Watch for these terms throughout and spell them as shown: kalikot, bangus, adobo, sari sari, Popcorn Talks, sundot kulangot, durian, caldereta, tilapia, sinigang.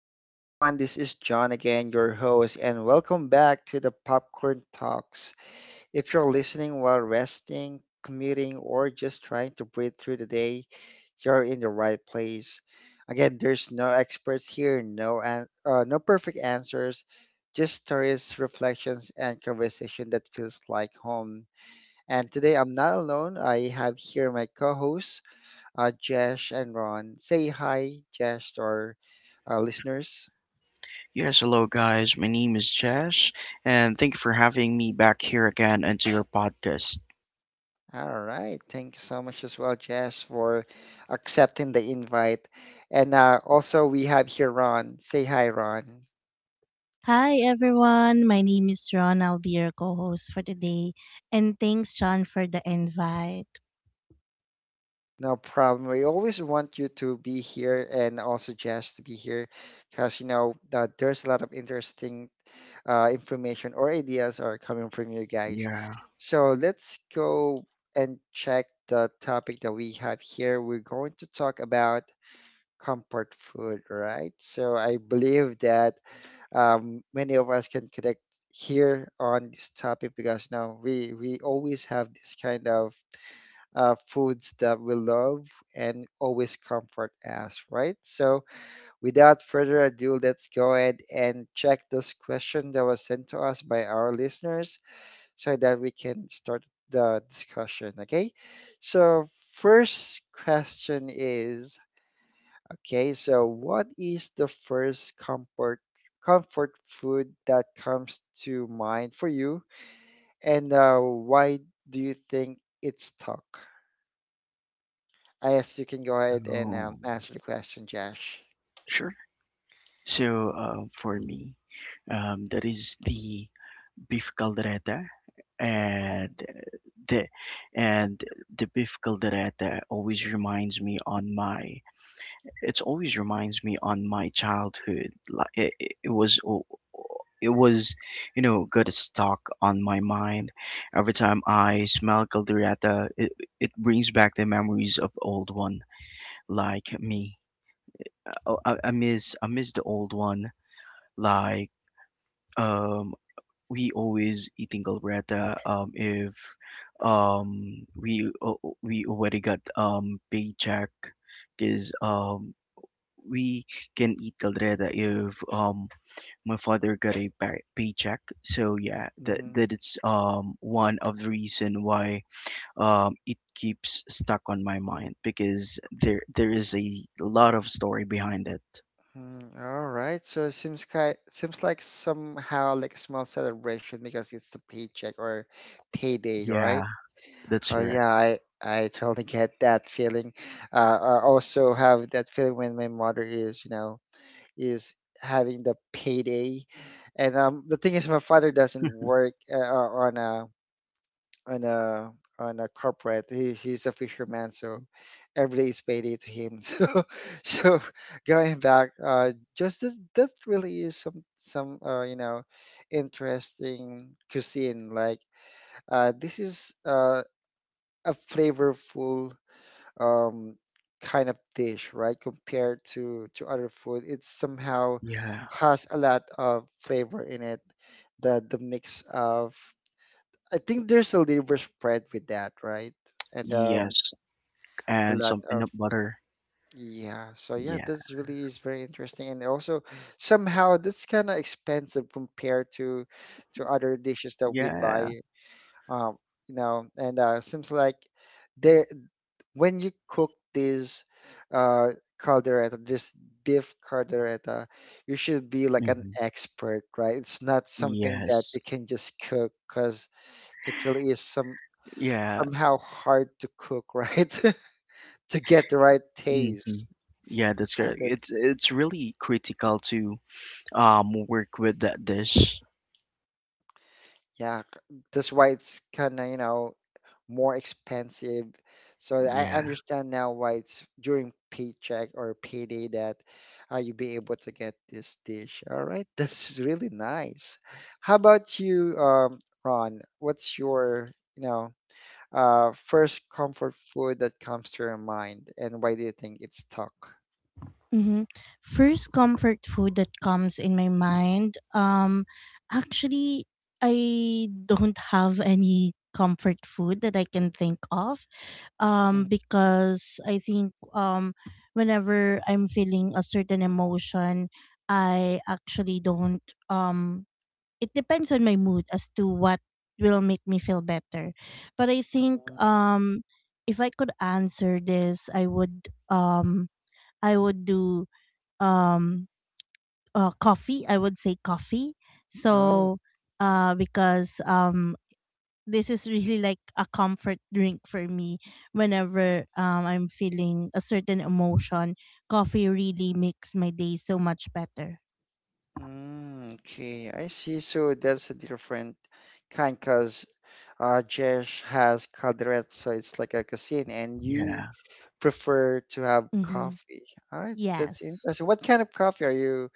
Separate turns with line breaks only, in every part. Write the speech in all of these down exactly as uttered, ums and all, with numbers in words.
Hey everyone, this is John again, your host, and welcome back to the Popcorn Talks. If you're listening while resting, commuting, or just trying to breathe through the day, you're in the right place. Again, there's no experts here, no an- uh, no perfect answers, just stories, reflections, and conversation that feels like home. And today I'm not alone. I have here my co-host uh, Jesh and Ron. Say hi, Jesh, to our uh, listeners.
Yes, hello guys. My name is Josh, and thank you for having me back here again into your podcast.
All right. Thank you so much as well, Jesh, for accepting the invite. And uh, also, we have here Ron. Say hi, Ron.
Hi everyone, my name is Ron. I'll be your co-host for today. And thanks John for the invite.
No problem. We always want you to be here, and also Jess to be here because, you know, uh, there's a lot of interesting uh, information or ideas are coming from you guys.
Yeah,
So let's go and check the topic that we have here. We're going to talk about comfort food, right? So I believe that um, many of us can connect here on this topic because you know we we always have this kind of uh, foods that we love and always comfort us, right? So without further ado, let's go ahead and check those questions that was sent to us by our listeners so that we can start the discussion. Okay, so first question is Okay, so what is the first comfort comfort food that comes to mind for you, and uh, why do you think it's stuck? I guess you can go ahead and um,
oh,
answer the question, Josh.
sure. So, uh, for me, um, that is the beef caldereta, and the and the beef caldereta always reminds me on my It always reminds me on my childhood. Like it, it it was, o- it was, you know, got stuck on my mind. Every time I smell caldereta, it, it brings back the memories of old one, like me. Uh, I, I miss, I miss the old one. Like um, we always eating caldereta. Um, if um we uh, we already got um paycheck because um we can eat caldereta if um my father got a pay- paycheck. So yeah, that
Mm-hmm.
that it's um one of the reason why um it keeps stuck on my mind because there there is a lot of story behind it.
Right. So it seems ki seems like somehow like a small celebration because it's the paycheck or payday, right?
Yeah, that's
Oh
correct.
yeah, I I totally get that feeling. Uh, I also have that feeling when my mother is, you know, is having the payday. And um, the thing is, my father doesn't work uh, uh, on a on a on a corporate. He, he's a fisherman, so every day is payday to him. So so going back, uh, just that, that really is some some uh, you know interesting cuisine. Like uh, this is uh, a flavorful um, kind of dish, right? Compared to to other food, it somehow
Yeah.
has a lot of flavor in it. The the mix of I think there's a liver spread with that, right? And um,
Yes.
a
And
lot
some
of
peanut butter.
yeah. So yeah,
Yeah.
this really is very interesting, and also somehow that's kind of expensive compared to to other dishes that we
Yeah.
buy. Um, you know, and uh, seems like. There, when you cook this uh, caldereta, this beef caldereta, you should be like an
Hmm.
expert, right? It's not something that
Yes.
you can just cook because it really is some
Yeah.
somehow hard to cook, right? To get the right
Hmm.
taste.
Yeah, that's
And
correct.
that's
It's it's really critical to um work with that dish.
yeah, c- that's why it's kind of you know more expensive. So I
Yeah,
understand now why it's during paycheck or payday that uh, you be able to get this dish. All right, that's really nice. How about you, um, Ron? What's your, you know, uh, first comfort food that comes to your mind, and why do you think it's stuck?
hmm First comfort food that comes in my mind, um actually I don't have any comfort food that I can think of. Um because I think um whenever I'm feeling a certain emotion, I actually don't um it depends on my mood as to what will make me feel better. But I think
Mhm.
um if I could answer this, I would um I would do um uh, coffee. I would say coffee.
Oh,
So uh because um this is really like a comfort drink for me whenever um I'm feeling a certain emotion. Coffee really makes my day so much better.
mm, okay, I see. So that's a different kind, cause Uh, Jesh has calderette, so it's like a cuisine, and you
yeah.
prefer to have
Mhm.
coffee. All right, that's
Yes.
interesting. What kind of coffee are you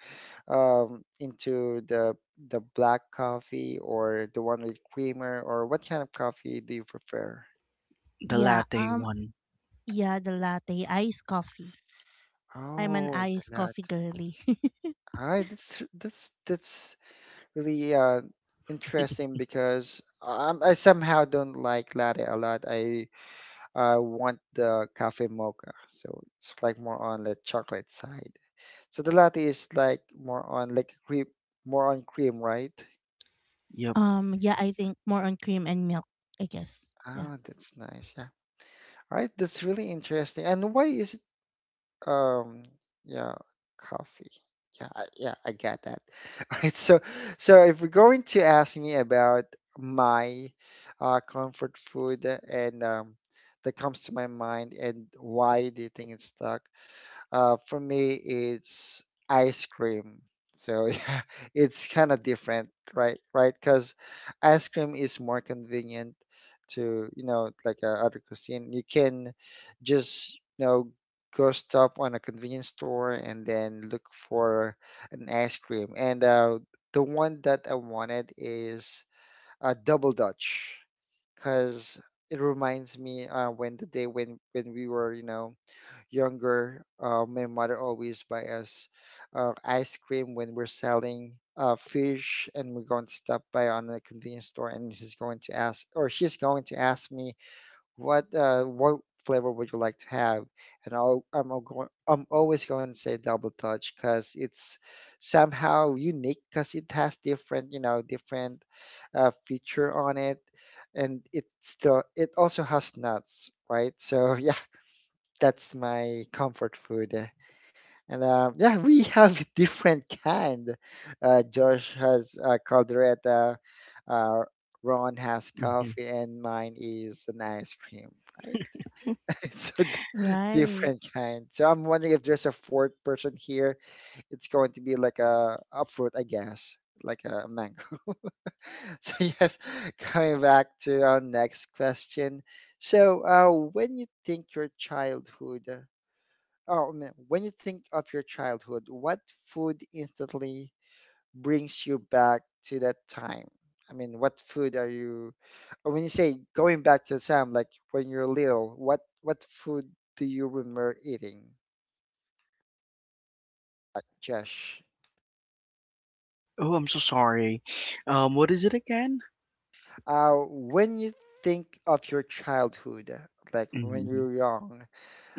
um into? the the black coffee or the one with creamer, or what kind of coffee do you prefer?
The
Yeah.
latte
Um
one.
Yeah, the latte, iced coffee. I'm an
Oh,
iced
the latte.
coffee girly.
All right, that's that's that's really uh interesting because um, I somehow don't like latte a lot. I I want the cafe mocha. So it's like more on the chocolate side. So the latte is like more on like cream, more on cream, right?
Yep.
um, yeah, I think more on cream and milk, I guess.
Ah,
Yeah.
that's nice. Yeah. All right, that's really interesting. And why is it um yeah, coffee. Yeah, I, yeah, I get that. All right. So so if you're going to ask me about my uh comfort food and um that comes to my mind and why do you think it's the Uh, for me, it's ice cream. So yeah, it's kind of different, right? Right? Because ice cream is more convenient to, you know, like uh, other cuisine. You can just, you know, go stop on a convenience store and then look for an ice cream. And uh, the one that I wanted is a double Dutch, because it reminds me uh, when the day when when we were, you know, younger, uh, my mother always buy us uh, ice cream when we're selling uh, fish, and we're going to stop by on a convenience store, and she's going to ask, or she's going to ask me, what uh, what flavor would you like to have? And I'll, I'm going, I'm always going to say double touch because it's somehow unique because it has different, you know, different uh, feature on it, and it still it also has nuts, right? So yeah, that's my comfort food. And uh, yeah, we have different kind. Uh, Josh has uh, caldereta, uh, Ron has
Hmm.
coffee, and mine is an ice cream, right? It's a d-
Right.
different kind. So I'm wondering if there's a fourth person here. It's going to be like a, a fruit, I guess, like a mango. So yes, coming back to our next question. So uh, when you think your childhood Oh, man. When you think of your childhood, what food instantly brings you back to that time? I mean, what food are you, or when you say going back to the time, like when you're little, what what food do you remember eating, uh, Josh?
Oh, I'm so sorry. Um, what is it again?
Uh, when you think of your childhood, like when
Mm-hmm.
you're young,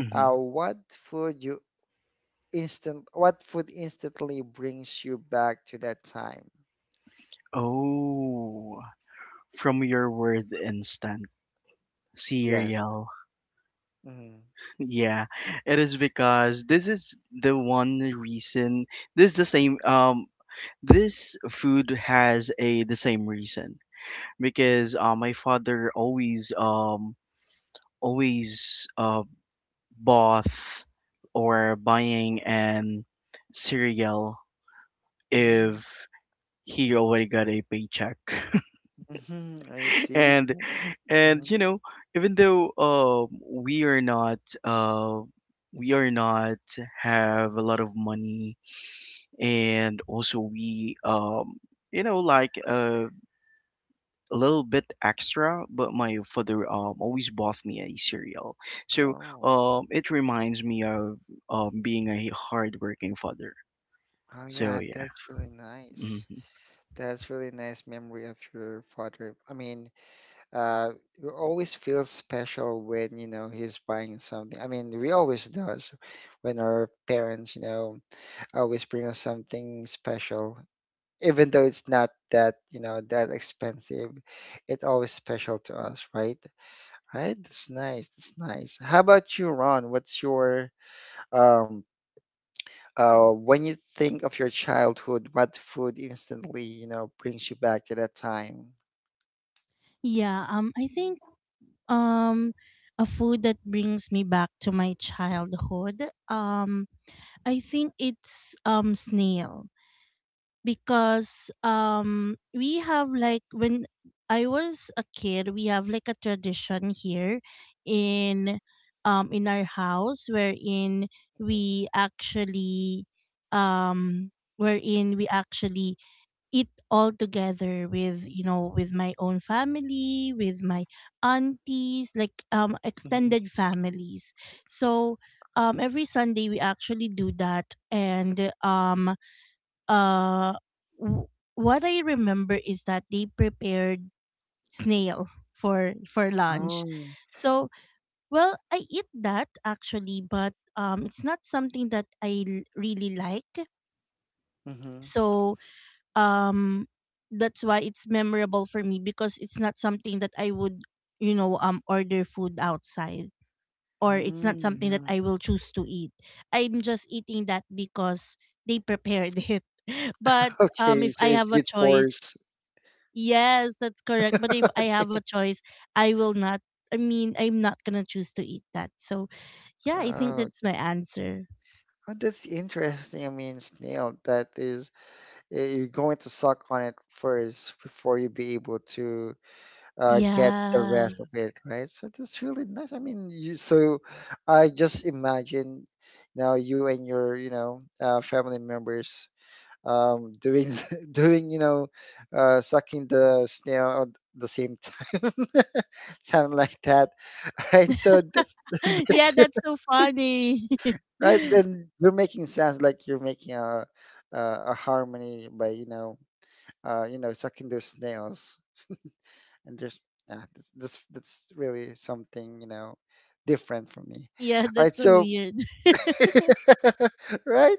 Mm-hmm.
uh, what food you instant, what food instantly brings you back to that time?
Oh, from your word instant
Yes.
cereal.
Mhm.
Yeah, it is because this is the one reason. This is the same. Um, this food has a the same reason because uh, my father always um always uh both or buying an cereal if
Mhm.
he already got a paycheck.
Mm-hmm, I see.
And and
Hmm.
you know even though um we are not uh we are not have a lot of money, and also we um you know like uh, a little bit extra, but my father um always bought me a cereal. So
Oh,
um it reminds me of um being a hard working father.
oh
So
yeah,
yeah.
that's really nice.
Mm-hmm.
That's really nice memory of your father. I mean, uh, you always feel special when, you know, he's buying something. I mean, we always does when our parents, you know, always bring us something special. Even though it's not that, you know, that expensive, it always special to us, right? Right? That's nice. That's nice. How about you, Ron? What's your um uh, when you think of your childhood, what food instantly, you know, brings you back to that time?
Yeah, um I think um a food that brings me back to my childhood. Um I think it's um snail. because um we have like when I was a kid, we have like a tradition here in um in our house wherein we actually um wherein we actually eat all together with you know with my own family with my aunties, like um
Mhm.
extended families. So um every sunday we actually do that, and um uh w- what I remember is that they prepared snail for for lunch.
Oh,
So, well, I eat that actually, but um it's not something that I l- really like.
mm-hmm.
So, um that's why it's memorable for me, because it's not something that I would, you know, um order food outside, or it's not
Mm,
something that
yeah.
I will choose to eat. I'm just eating that because they prepared it. But um
Okay,
if
so
I
it's
have a
with
choice.
force.
Yes, that's correct. But if I have a choice, I will not. I mean, I'm not gonna choose to eat that. So, yeah, I think
Oh,
that's my answer.
oh, that's interesting. I mean, snail, that is, uh, you're going to suck on it first before you be able to uh, get the
Yeah.
rest of it, right? So that's really nice. I mean, you, so I just imagine now you and your, you know, uh, family members um, doing doing you know uh, sucking the snail at the same time, sound like that. Right, so that's that's
Yeah,
it,
that's so funny.
right. Then you're making sounds like you're making a a, a harmony by you know uh, you know sucking those snails, and there's uh, that's that's really something you know different for me.
Yeah,
All
that's
right,
so
so
weird.
right,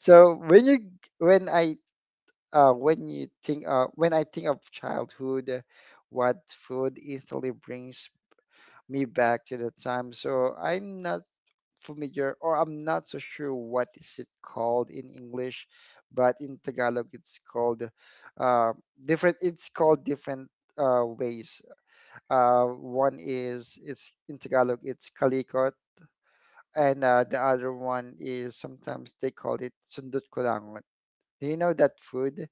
so when you when I uh, when you think uh, when I think of childhood, what food instantly brings me back to that time. So I'm not familiar, or I'm not so sure what is it called in English, but in Tagalog it's called uh, different. It's called different uh, ways. Uh, one is it's in Tagalog it's kalikot, and uh, the other one is sometimes they call it sundot kulangot. Do you know that food?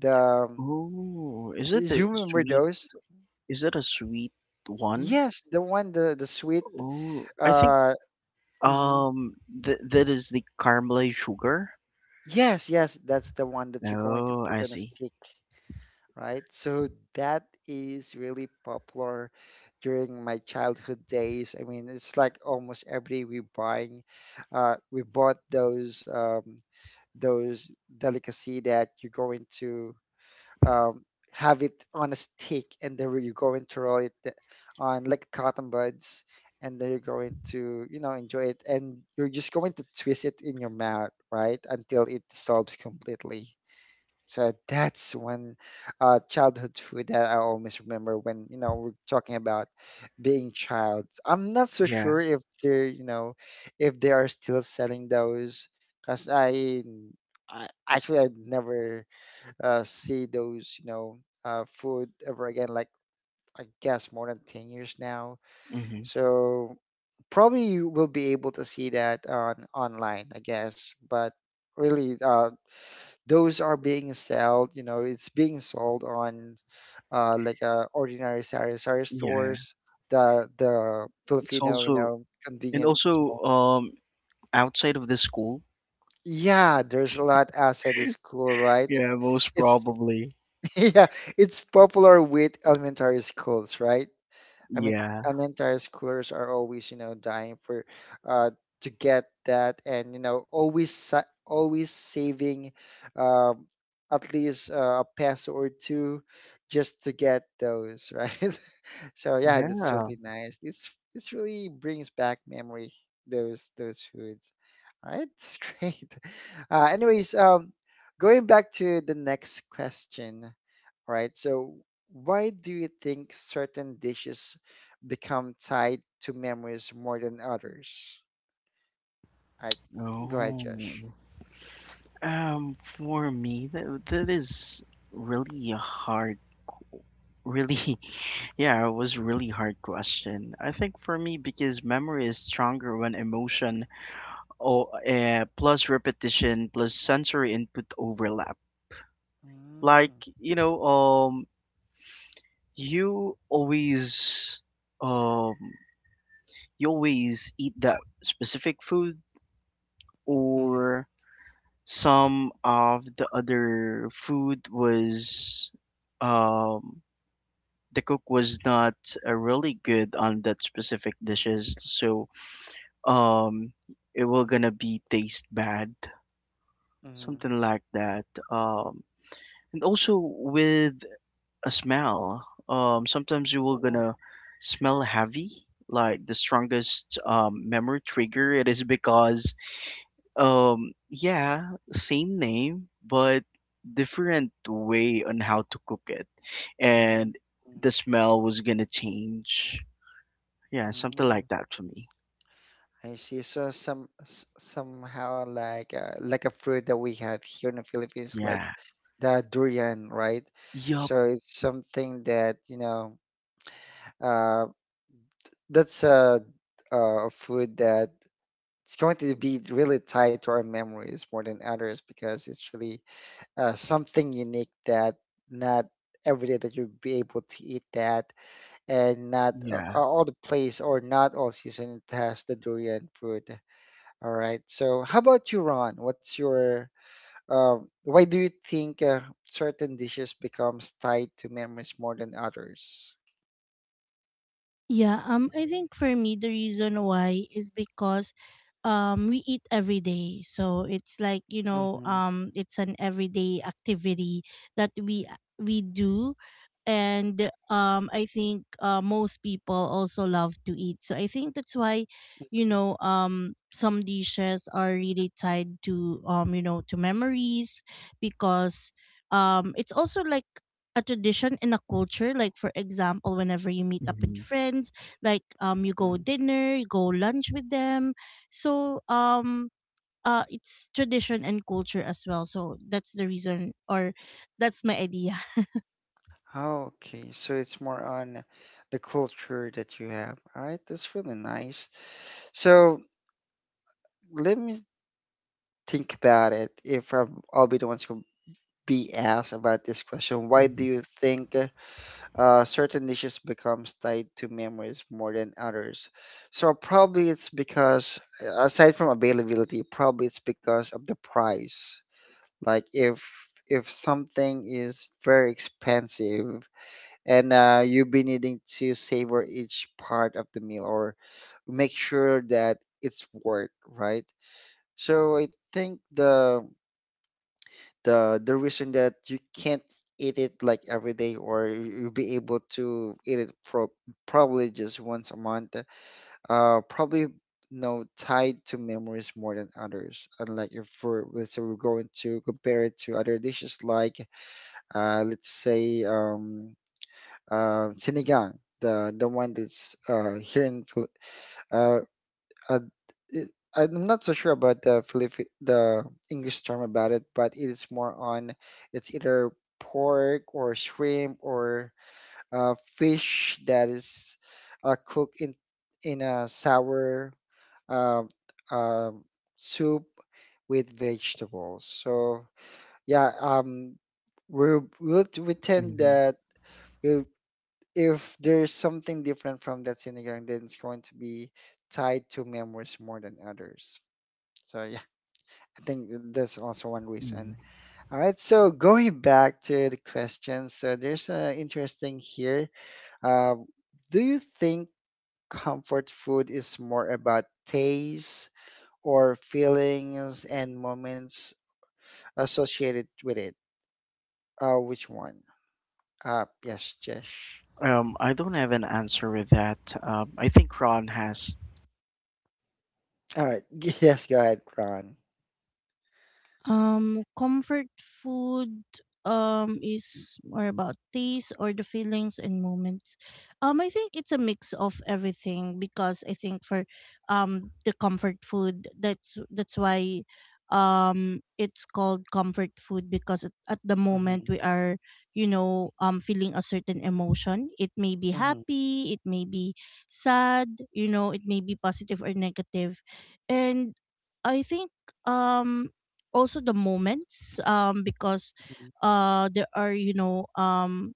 The um,
Oh, is it the
You remember
sweet?
those?
Is it a sweet one?
Yes, the one the the sweet.
Oh, I think
Uh, mhm.
um th that is the caramelized sugar.
Yes, yes, that's the one that you're going to
Oh, I
put on a
see.
stick, right? So that is really popular during my childhood days. I mean, it's like almost every day we buying, uh, we bought those um, those delicacy that you're going to um, have it on a stick, and then you're going to roll it th- on like cotton buds, and then you're going to, you know, enjoy it, and you're just going to twist it in your mouth, right, until it dissolves completely. So that's one uh, childhood food that I always remember when, you know, we're talking about being child. I'm not so
Yeah.
sure if they're, you know, if they are still selling those, because I, I actually I never uh, see those, you know, uh, food ever again, like I guess more than ten years now.
Mm-hmm.
So probably you will be able to see that on online, I guess. But really, uh, those are being sold, you know, it's being sold on uh, like uh, ordinary sari sari
Yeah.
stores, the the
It's
Filipino, you
also
know,
And
convenient
also
small.
um outside of the school.
Yeah, there's a lot outside the school, right?
Yeah, most
It's
probably.
yeah, it's popular with elementary schools, right? I mean,
Yeah.
elementary schoolers are always, you know, dying for uh to get that and you know, always sa- always saving um at least uh, a peso or two just to get those, right? So yeah, that's
Yeah.
really nice. It's it's really brings back memory those those foods. All right, it's great. Uh anyways, um going back to the next question. All right. So, why do you think certain dishes become tied to memories more than others? All right. Go ahead,
Oh.
Josh.
Um, for me, that that is really hard. Really, yeah, it was really hard question. I think for me because memory is stronger when emotion or uh, plus repetition plus sensory input overlap.
Mm,
Like you know, um, you always, um, you always eat that specific food,
mhm,
or some of the other food was, um, the cook was not uh, really good on that specific dishes, so um it will
mhm,
gonna be taste bad,
mhm,
something like that, um and also with a smell. um sometimes you will
oh,
gonna smell heavy, like the strongest um, memory trigger. It is because um yeah, same name but different way on how to cook it,
mm,
and
mm,
the smell was gonna change. Yeah, something
mm.
like that for me.
I see. So, some s- somehow like uh, like a fruit that we have here in the Philippines,
Yeah.
like the durian, right?
Yup.
So it's something that you know uh, that's a, uh, a food that it's going to be really tied to our memories more than others because it's really uh, something unique that not every day that you'll be able to eat that and not uh, uh,
Yeah.
all the place or not all season it has the durian fruit. All right, so how about you, Ron? What's your uh, why do you think uh, certain dishes becomes tied to memories more than others?
Yeah, um I think for me the reason why is because um we eat every day. So it's like, you know,
Hmm.
um it's an everyday activity that we we do, and um I think uh, most people also love to eat. So I think that's why, you know, um some dishes are really tied to um you know to memories because um it's also like a tradition in a culture, like for example whenever you meet up with
Hmm.
friends, like um you go dinner you go lunch with them. So um uh it's tradition and culture as well, so that's the reason, or that's my idea.
Oh, okay. So it's more on the culture that you have. All right, that's really nice. So let me think about it. If i I'll be the ones who be asked about this question, why do you think uh, certain dishes becomes tied to memories more than others? So probably it's because, uh, aside from availability, probably it's because of the price. Like if if something is very expensive, and uh, you'll be needing to savor each part of the meal or make sure that it's worth, right? So I think the the the reason that you can't eat it like every day or you- you'll be able to eat it pro- probably just once a month, uh probably no tied to memories more than others, unlike if we're, let's say we're going to compare it to other dishes like uh let's say um uh, sinigang, the the one that's uh, here in Phil- uh, uh, it, I'm not so sure about the Philippi the English term about it, but it is more on it's either pork or shrimp or uh, fish that is uh, cooked in in a sour uh, uh, soup with vegetables. So yeah, um, we we we tend
Hmm.
that we if there's something different from that sinigang, then it's going to be tied to memories more than others. So yeah, I think that's also one reason.
Mm.
All right, so going back to the questions, so there's an interesting here. Uh, do you think comfort food is more about taste or feelings and moments associated with it? Uh, which one? Uh, yes, Jesh.
Um, I don't have an answer with that. Um, I think Ron has.
All right, yes, go ahead, Ron.
Um, comfort food um is more about taste or the feelings and moments. Um, I think it's a mix of everything, because I think for um the comfort food, that's that's why um it's called comfort food, because at, at the
Hmm.
moment we are you know um feeling a certain emotion, it may be
Hmm.
happy, it may be sad, you know, it may be positive or negative. And I think um also the moments, um because uh there are you know um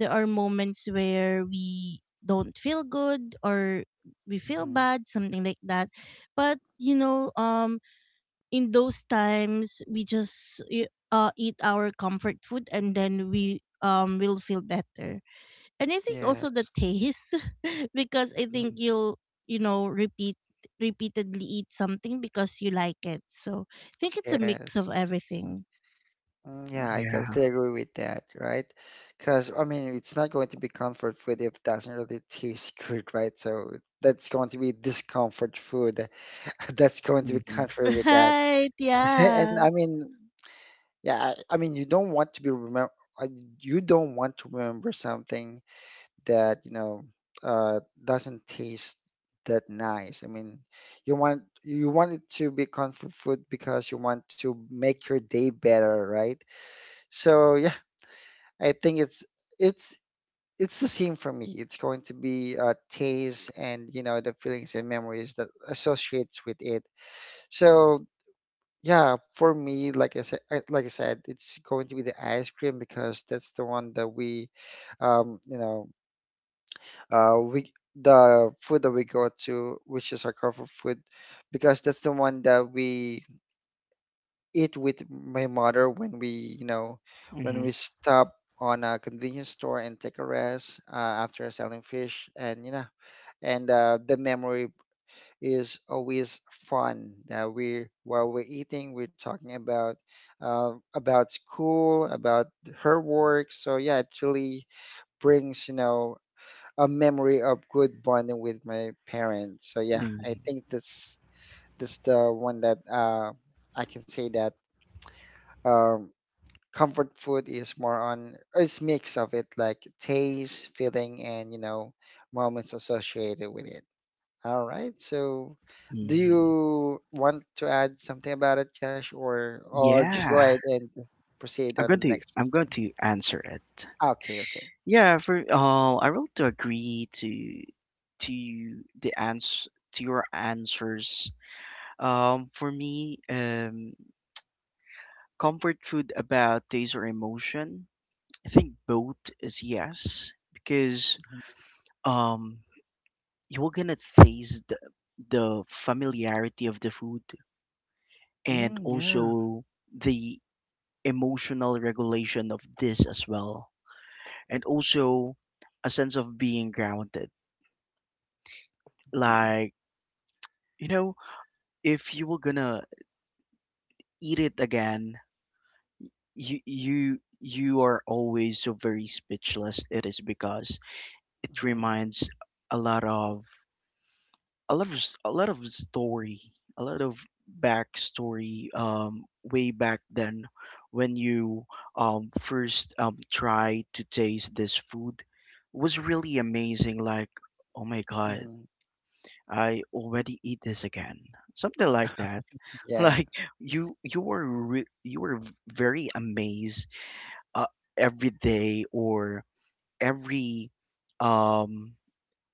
there are moments where we don't feel good, or we feel
Mhm.
bad, something like that. But you know, um in those times we just y- uh eat our comfort food, and then we um will feel better. And I think also the
Yes.
taste because I
Mhm.
think you'll you know repeat repeatedly eat something because you like it, so I think it's a mix of
Yes.
everything.
Mm, yeah, I
Yeah.
totally agree with that, right? Because, I mean, it's not going to be comfort food if it doesn't really taste good, right? So that's going to be discomfort food. That's going to be
Hmm.
contrary with that.
Right,
And
yeah.
I mean, yeah, I I mean, you don't want to be remember, you don't want to remember something that you know uh, doesn't taste that nice. I mean, you want you want it to be comfort food because you want to make your day better, right? So yeah, I think it's it's it's the same for me. It's going to be uh, taste and you know the feelings and memories that associates with it. So yeah, for me, like I said, like I said, it's going to be the ice cream because that's the one that we um, you know uh we the food that we go to which is our comfort food because that's the one that we eat with my mother when we you know when we
Hmm.
stop on a convenience store and take a rest uh, after selling fish and you know and uh, the memory is always fun that we while we're eating we're talking about uh, about school about her work so yeah it really brings you know a memory of good bonding with my parents. So yeah, I
Hmm.
think that's that's the one that uh, I can say that um, comfort food is more on it's mix of it like taste, feeling, and you know moments associated with it. All right, so. Do
Hmm.
you want to add something about it, Josh, or or just go
Yeah.
ahead and proceed
I'm
on
going
the
to
next
I'm going
question?
to answer it.
Okay, okay.
Yeah. For uh, I will to agree to to the ans to your answers. Um, for me, um, comfort food about taste or emotion. I think both is yes because
Mhm.
um you are gonna taste the, the familiarity of the food, and
Mm, yeah.
also the emotional regulation of this as well, and also a sense of being grounded.
Mhm,
Like you know if you were gonna eat it again, you you you are always so very speechless. It is because it
mhm,
reminds a lot of, a lot of s- a lot of story, a lot of backstory, um, way back then when you um, first um, tried to taste this food, was really amazing. Like, oh my god,
mhm.
I already eat this again, something like that.
Yeah.
Like you you were re- you were v- very amazed uh, every day or every um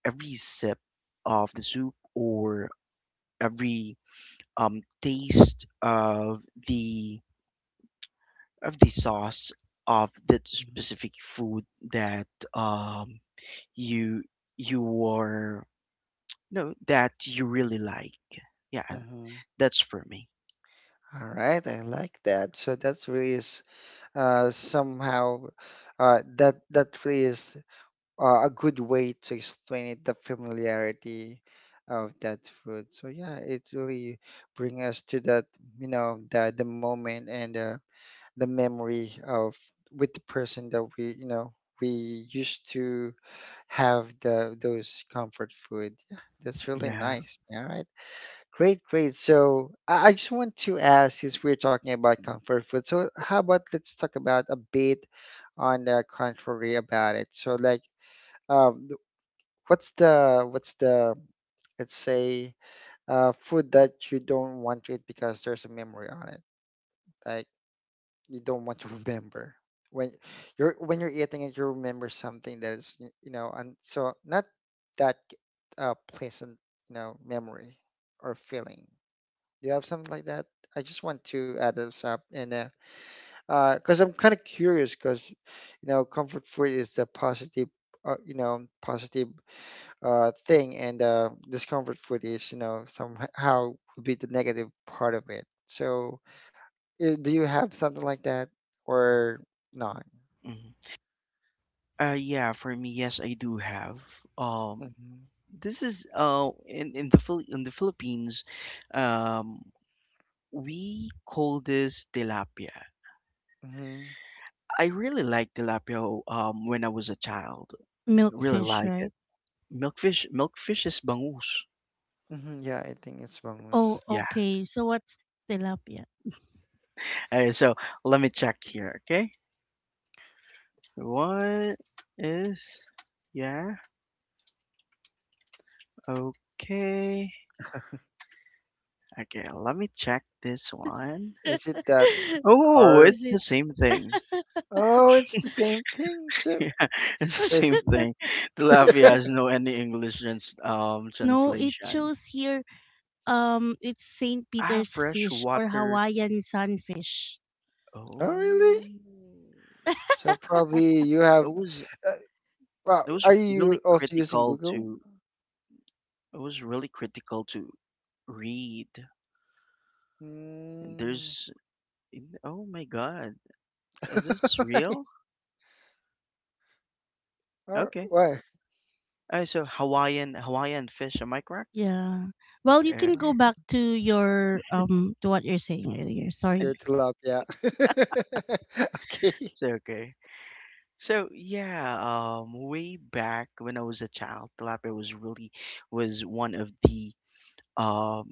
every sip of the soup or every um, taste of the of the sauce of that specific food that um, you you were no that you really like. Yeah,
Mhm.
that's for me.
All right, I like that. So that really is uh, somehow uh, that that really is uh, a good way to explain it, the familiarity of that food. So yeah, it really bring us to that, you know, the the moment and uh, the memory of with the person that we, you know, we used to have the those comfort food. Yeah, that's really
Yeah.
nice. All right. Great, great. So I I just want to ask, since we're talking about comfort food, so how about let's talk about a bit on the contrary about it. So like, um, th- what's the what's the let's say uh, food that you don't want to eat because there's a memory on it, like you don't want to remember when you're when you're eating it, you remember something that is y- you know, and so not that uh, pleasant, you know, memory or feeling. Do you have something like that? I just want to add this up and uh, uh, because I'm kind of curious because, you know, comfort food is the positive, uh, you know, positive uh thing, and uh, discomfort food is, you know, somehow would be the negative part of it. So, i- do you have something like that or not?
Mhm. Uh, yeah, for me, yes, I do have. Um,
Mm-hmm.
this is uh in in the Phil- in the Philippines, um, we call this tilapia.
Mm-hmm.
I really like tilapia um when I was a child. Really
Mm-hmm.
Milkfish,
like
right?
it. Milkfish, milkfish is bangus.
Mm-hmm. Yeah, I think it's mongoose.
Oh,
Yeah.
okay. So what's tilapia?
Alright, so let me check here. Okay, what is? Yeah. Okay. Okay, let me check this one.
Is it that
Oh,
carb?
Is
it's
it?
the same thing.
Oh, it's the same thing too.
Yeah, it's the
It's,
same thing. Tilapia has no any English trans um
No, it
translation.
shows here um it's saint
Ah,
Peter's
fresh
fish or
water.
Hawaiian sunfish.
oh, really?
Oh,
So probably you have.
it was
Uh, well,
it was
are you
really
also using
critical
Google?
to it was really critical to read.
Mm.
There's, oh my god, is this real?
or
Okay.
what?
Uh, so Hawaiian Hawaiian fish, am I correct?
Yeah. Well, you
Uh,
can go back to your um to what you're saying earlier.
Pure
Sorry.
tilapia. okay.
so okay. So yeah, um, way back when I was a child, tilapia was really was one of the um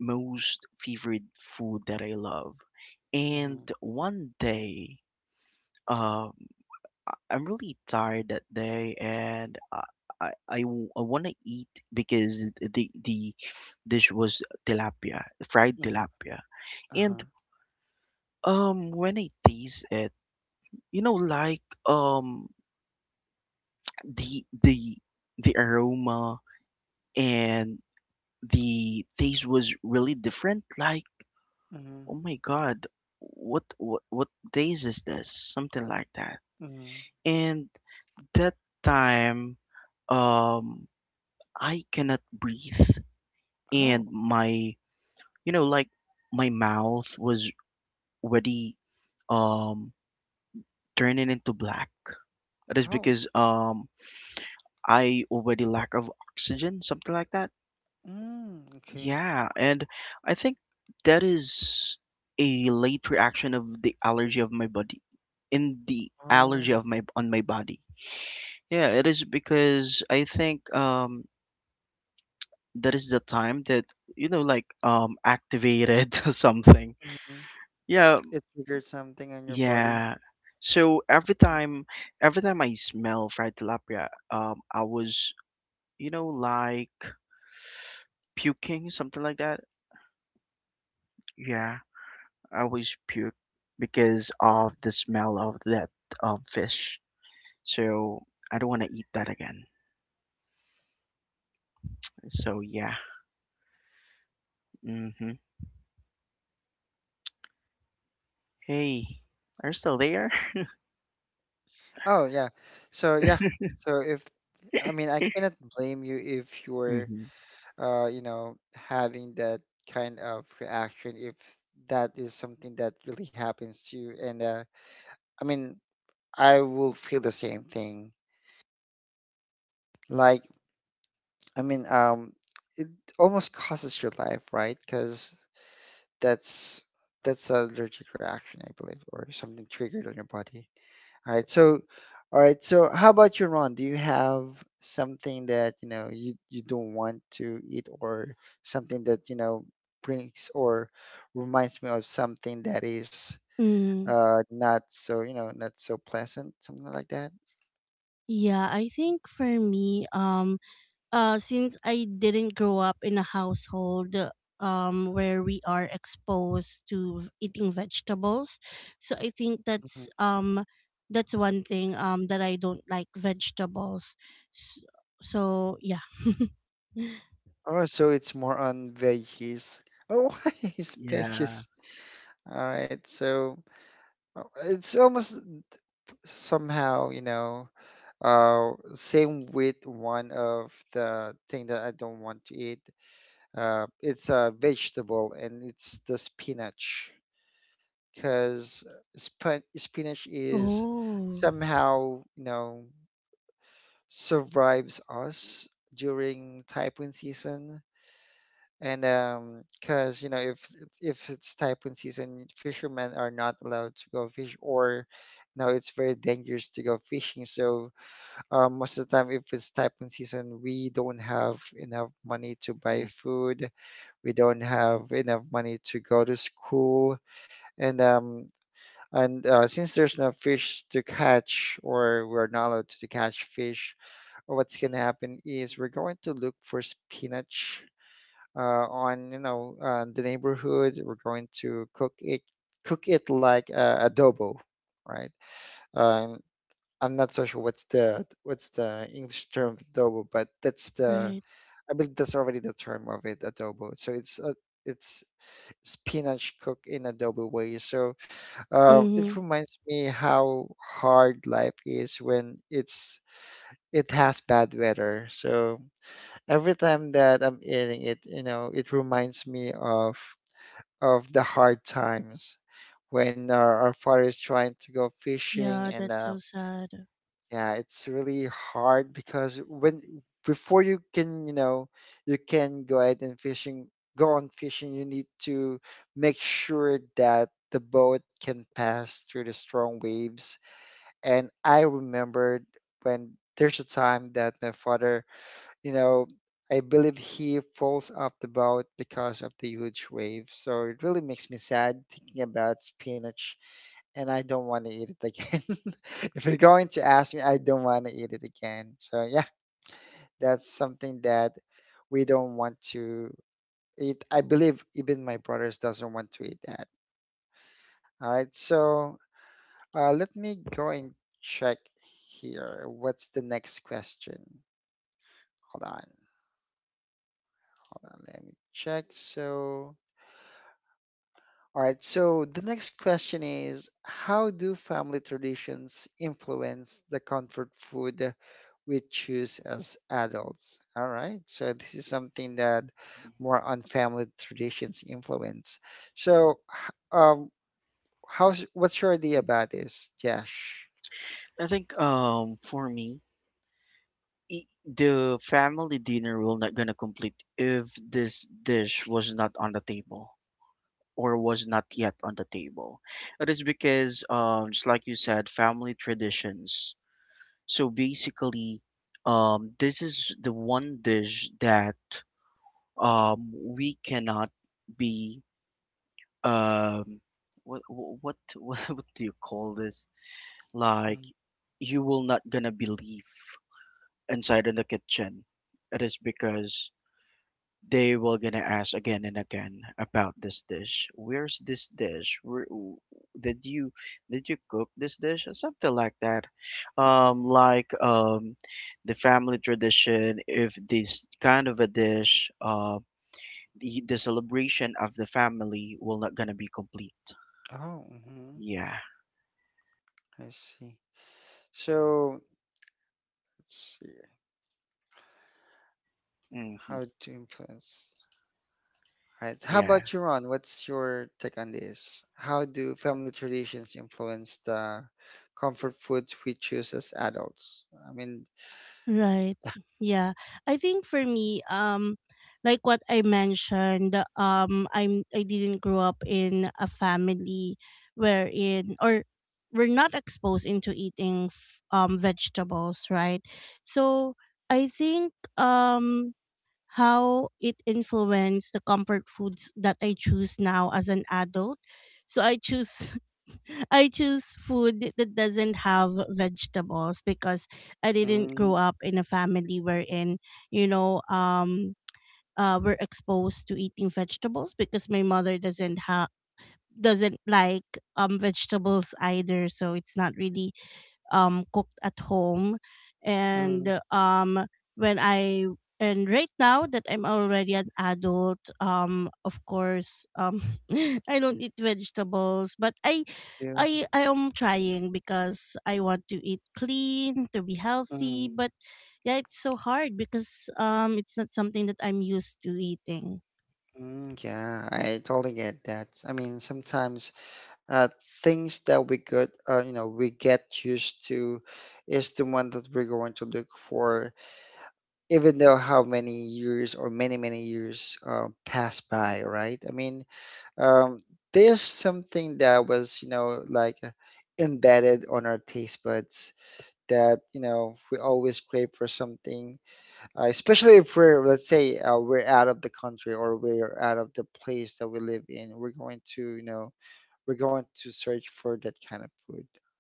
most favorite food that I love. And
Mm-hmm,
one day, um, I'm really tired that day, and I I, I, want to eat because the the dish was tilapia, fried
mm-hmm,
tilapia. And
uh-huh,
um, when I taste it, you know, like um, the the the aroma and the taste was really different. Like,
mm-hmm,
oh my God, what what what taste is this? Something like that.
mm-hmm.
And that time, um. I cannot breathe,
Oh,
and my you know like my mouth was already um turning into black. That is
oh.
because um I already lack of oxygen, something like that.
Mm, okay.
Yeah, and I think that is a late reaction of the allergy of my body, in the
Oh.
allergy of my on my body. Yeah, it is because I think um that is the time that you know like um activated something.
Mm-hmm.
Yeah.
It triggered something on your body.
Yeah. So every time, every time I smell fried tilapia, um, I was, you know, like puking, something like that. Yeah, I always puke because of the smell of that um fish. So I don't want to eat that again. So yeah. Mm-hmm. Hey, are you still there?
Oh yeah. So yeah. So if I mean I cannot blame you if you're
Mm-hmm.
uh, you know, having that kind of reaction if that is something that really happens to you. And uh, I mean, I will feel the same thing. Like, I mean, um, it almost causes your life, right? Because that's that's an allergic reaction, I believe, or something triggered on your body. All right. So, all right. So, how about you, Ron? Do you have something that you know you you don't want to eat, or something that you know brings or reminds me of something that is
Mm.
uh not so you know not so pleasant, something like that?
Yeah, I think for me, um, uh, since I didn't grow up in a household um where we are exposed to v- eating vegetables, so I think
Mhm.
that's um that's one thing um that I don't like vegetables. So, so yeah.
Oh, so it's more on veggies. Oh, why is
Yeah.
veggies? All right. So uh, it's almost somehow you know uh same with one of the thing that I don't want to eat. Uh, it's a vegetable and it's the spinach because sp- spinach is
Oh,
somehow, you know, survives us during typhoon season. And um, because you know, if if it's typhoon season, fishermen are not allowed to go fish, or you know, it's very dangerous to go fishing. So uh, most of the time, if it's typhoon season, we don't have enough money to buy
Mm.
food, we don't have enough money to go to school, and um and uh, since there's no fish to catch or we're not allowed to catch fish what's going to happen is we're going to look for spinach uh, on you know uh, the neighborhood, we're going to cook it, cook it like uh, adobo, right? um, I'm not so sure what's the what's the English term for adobo but that's the
right.
I believe that's already the term of it, adobo, so it's uh, it's spinach cooked in adobo way. So uh, it
Mm-hmm.
reminds me how hard life is when it's it has bad weather. So every time that I'm eating it, you know, it reminds me of of the hard times when our, our father is trying to go fishing
Yeah,
and
that's
uh,
so sad.
yeah, it's really hard because when before you can, you know, you can go ahead and fishing, go on fishing, you need to make sure that the boat can pass through the strong waves. And I remembered when there's a time that my father, you know, I believe he falls off the boat because of the huge waves. So it really makes me sad thinking about spinach and I don't want to eat it again. If you're going to ask me, I don't want to eat it again. So yeah, that's something that we don't want to eat. I believe even my brothers doesn't want to eat that. All right, so uh, let me go and check here. What's the next question? Hold on, hold on. Let me check. So. All right, so the next question is: how do family traditions influence the comfort food we choose as adults? All right. So this is something that more on family traditions influence. So, h- um, how's what's your idea about this, Josh?
I think um for me, i- the family dinner will not gonna complete if this dish was not on the table, or was not yet on the table. It is because um just like you said, family traditions. So basically, um this is the one dish that um we cannot be um what wh- what what, what do you call this?
Mm,
Like you will not gonna believe inside in the kitchen. It is because they were gonna ask again and again about this dish. Where's this dish? Where, w- did you did you cook this dish or something like that?
mm.
Um, like um, the family tradition. If this kind of a dish, uh, the the celebration of the family will not gonna be complete.
Oh, mhm.
Yeah.
I see. So let's see
Mm-hmm.
how to influence. Right. How
Yeah.
about you, Ron? What's your take on this? How do family traditions influence the comfort foods we choose as adults? I mean,
Right. Yeah. I think for me, um, like what I mentioned, um, I'm I didn't grow up in a family wherein, or we're not exposed into eating f- um vegetables, right? So I think um how it influenced the comfort foods that I choose now as an adult. So I choose I choose food that doesn't have vegetables because I didn't
Mm,
grow up in a family wherein, you know, um uh we're exposed to eating vegetables because my mother doesn't have doesn't like um vegetables either, so it's not really um, cooked at home. And
mm.
um, when I and right now that I'm already an adult, um, of course, um, I don't eat vegetables, but I,
yeah.
I, I am trying, because I want to eat clean, to be healthy,
Mm,
but yeah, it's so hard, because um, it's not something that I'm used to eating.
mm, yeah, I totally get that. I mean, sometimes uh, things that we could, uh, you know, we get used to is the one that we're going to look for, even though how many years or many, many years uh, pass by, right? I mean, um, there's something that was, you know, like uh, embedded on our taste buds that, you know, we always crave for something uh, especially if we're, let's say uh, we're out of the country or we're out of the place that we live in, we're going to, you know, we're going to search for that kind of food,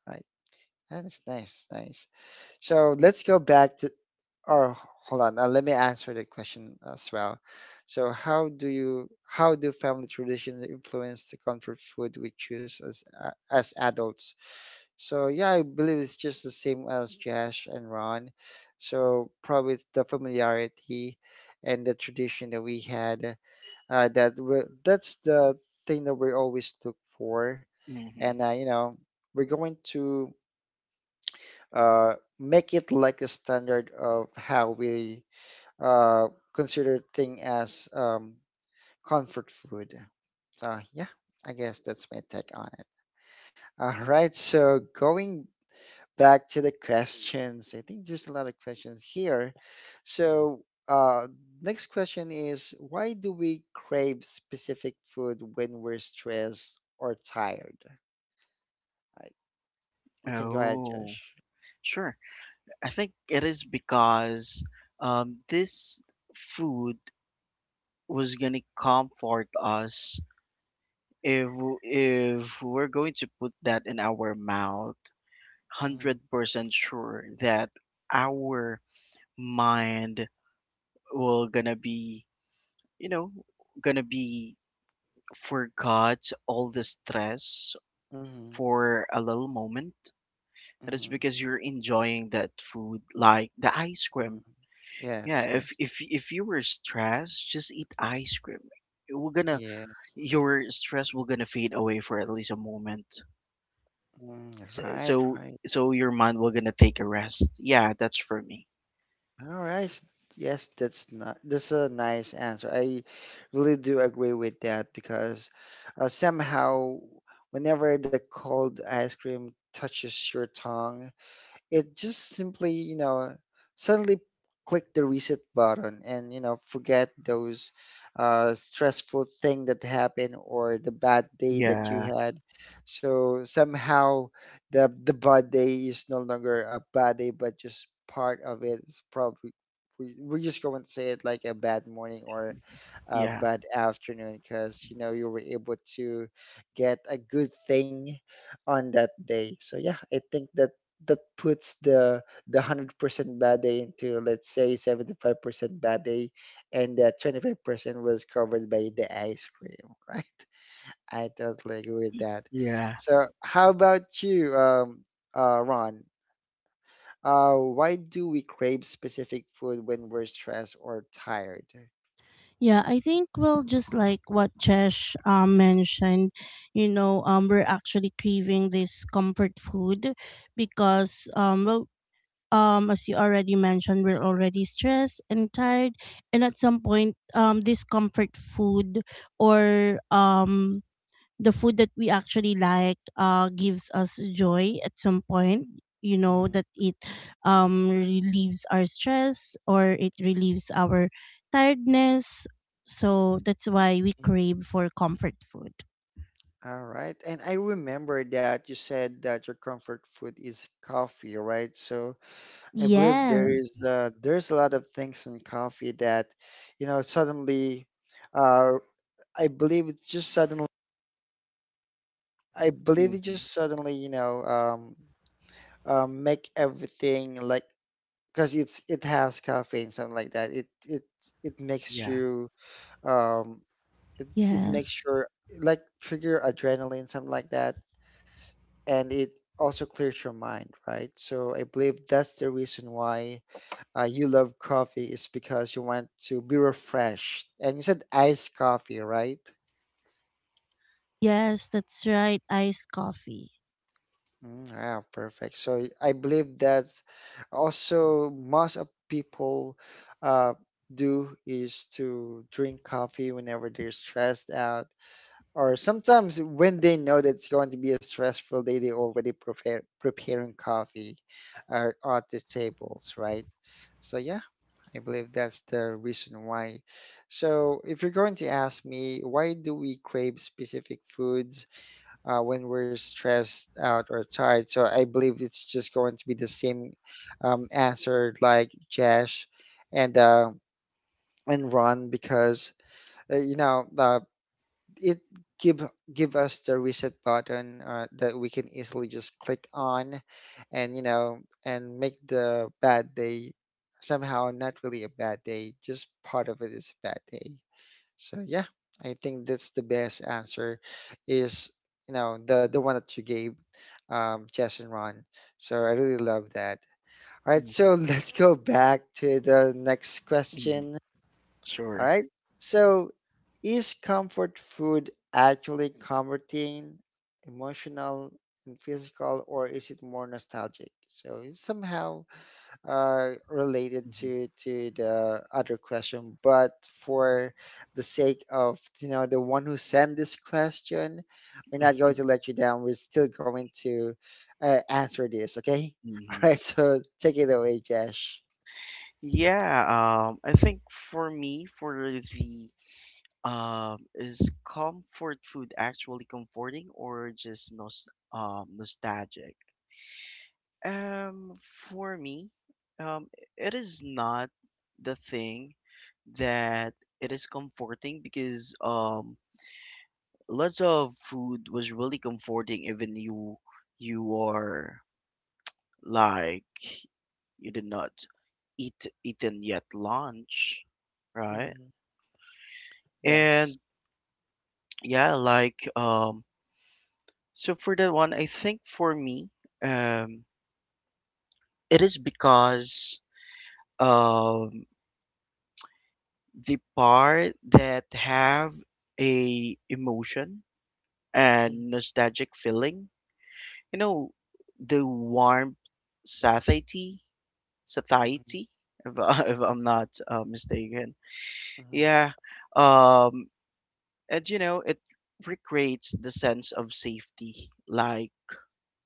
right? That's nice, nice. So let's go back to, or hold on, uh, let me answer the question as well. So how do you, how do family traditions influence the comfort food we choose as, uh, as adults? So yeah, I believe it's just the same as Josh and Ron. So probably it's the familiarity and the tradition that we had. Uh, that we, that's the thing that we always look for, and
Mm-hmm.
uh, you know, we're going to, uh, make it like a standard of how we, uh, consider thing as, um, comfort food. So yeah, I guess that's my take on it. All right, so going back to the questions. I think there's a lot of questions here. So, uh, next question is: why do we crave specific food when we're stressed or tired? I, you can go ahead, Josh.
Oh, sure. I think it is because um, this food was gonna comfort us if w- if we're going to put that in our mouth.
Mm-hmm.
one hundred percent sure that our mind will gonna be, you know gonna be, forgot all the stress
Mm-hmm.
for a little moment, that is because you're enjoying that food, like the ice
Mm-hmm.
cream. Yeah,
Yes,
if
yes,
if if you were stressed, just eat ice cream. We're gonna
yeah.
Your stress will gonna fade away for at least a moment.
Mm,
So
right,
so,
right.
so your mind will gonna take a rest. Yeah, that's for me.
All right. Yes, that's not, that's a nice answer. I really do agree with that because uh, somehow, whenever the cold ice cream touches your tongue, it just simply, you know, suddenly click the reset button and, you know, forget those uh, stressful thing that happened or the bad day that you
Yeah,
had. So somehow the the bad day is no longer a bad day, but just part of it. It's probably we- we're just going to say it like a bad morning or uh,
yeah,
bad afternoon because you know you were able to get a good thing on that day. So yeah, I think that that puts the the hundred percent bad day into, let's say, seventy five percent bad day, and that twenty five percent was covered by the ice cream, right? I totally agree with that.
yeah.
So how about you, um, uh, Ron? Uh, why do we crave specific food when we're stressed or tired?
Yeah, I think well, just like what Chesh um, mentioned, you know, um, we're actually craving this comfort food because um, well, um, as you already mentioned, we're already stressed and tired, and at some point, um, this comfort food or um the food that we actually like uh gives us joy at some point, you know,
Mhm.
that it um relieves our stress, or it relieves our tiredness. So that's why we crave for comfort food.
All right. And I remember that you said that your comfort food is coffee, right? So I believe there is,
yes
uh, there's a lot of things in coffee that, you know, suddenly, uh, I believe it just suddenly, I believe it
Hmm.
just suddenly, you know, um, um, make everything like, because it's, it has caffeine, something like that. It it it makes
Yeah.
you, um, it it makes
yes
your, like, trigger adrenaline, something like that. And it also clears your mind, right? So I believe that's the reason why uh, you love coffee is because you want to be refreshed. And you said iced coffee, right?
yes, that's right, iced coffee.
Mm, ah, perfect. So I believe that's also most of people uh, do is to drink coffee whenever they're stressed out. Or sometimes when they know that it's going to be a stressful day, they already prepare preparing coffee uh, at the tables, right? So yeah, I believe that's the reason why. So, if you're going to ask me, why do we crave specific foods uh, when we're stressed out or tired? So, I believe it's just going to be the same um, answer like Jash and uh, and Ron because, uh, you know, uh, it give, give us the reset button uh, that we can easily just click on, and you know and make the bad day somehow not really a bad day, just part of it is a bad day. So yeah, I think that's the best answer is, you know, the the one that you gave, um Jess and Ron. So I really love that. All right,
Hmm.
so let's go back to the next question.
Hmm.
All
Sure.
right, so is comfort food actually comforting emotional and physical, or is it more nostalgic? So it's somehow uh, related
Hmm.
to to the other question, but for the sake of, you know, the one who sent this question, we're not going to let you down. We're still going to uh, answer this, okay?
Hmm.
All right, so take it away, Jesh.
Yeah, um, I think for me, for the um, is comfort food actually comforting or just nos um nostalgic? Um, for me, um, it is not the thing that it is comforting because um, lots of food was really comforting, even you you are, like, you did not eat eaten yet lunch, right?
Mm-hmm.
And
Yes.
yeah, like um, so for that one, I think for me, um, it is because. um. the part that have a emotion
Yes.
and nostalgic feeling, you know the warm satiety satiety if, I- if I'm not uh, mistaken. Yeah, um and you know it recreates the sense of safety, like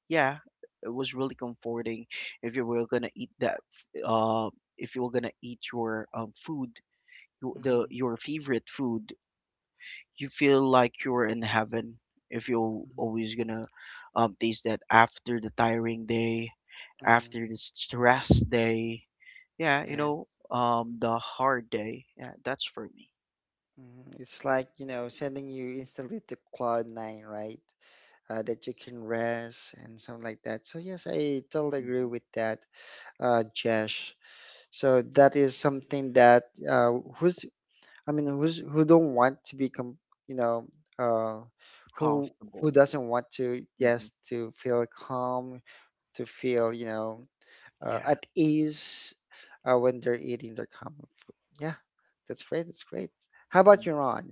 yeah, it was really comforting if you were gonna eat that f- uh if you were gonna eat your um food, your, the your favorite food. You feel like you're in heaven if you're always gonna um, taste that after the tiring day, after the stress day. Yeah, you know, um, the hard day. Yeah, that's for me.
Mhm. It's like, you know, sending you instantly to cloud nine, right? Uh, that you can rest and something like that. So yes, I totally agree
Hmm.
with that. uh, Jesh. So that is something that, uh, who's, I mean who's who don't want to become, you know, uh, who who
Comfortable.
doesn't want to,
Hmm.
yes, to feel calm, to feel, you know, uh,
Yeah.
at ease uh, when they're eating their comfort food. Yeah, that's great. That's great. How about you, Ron?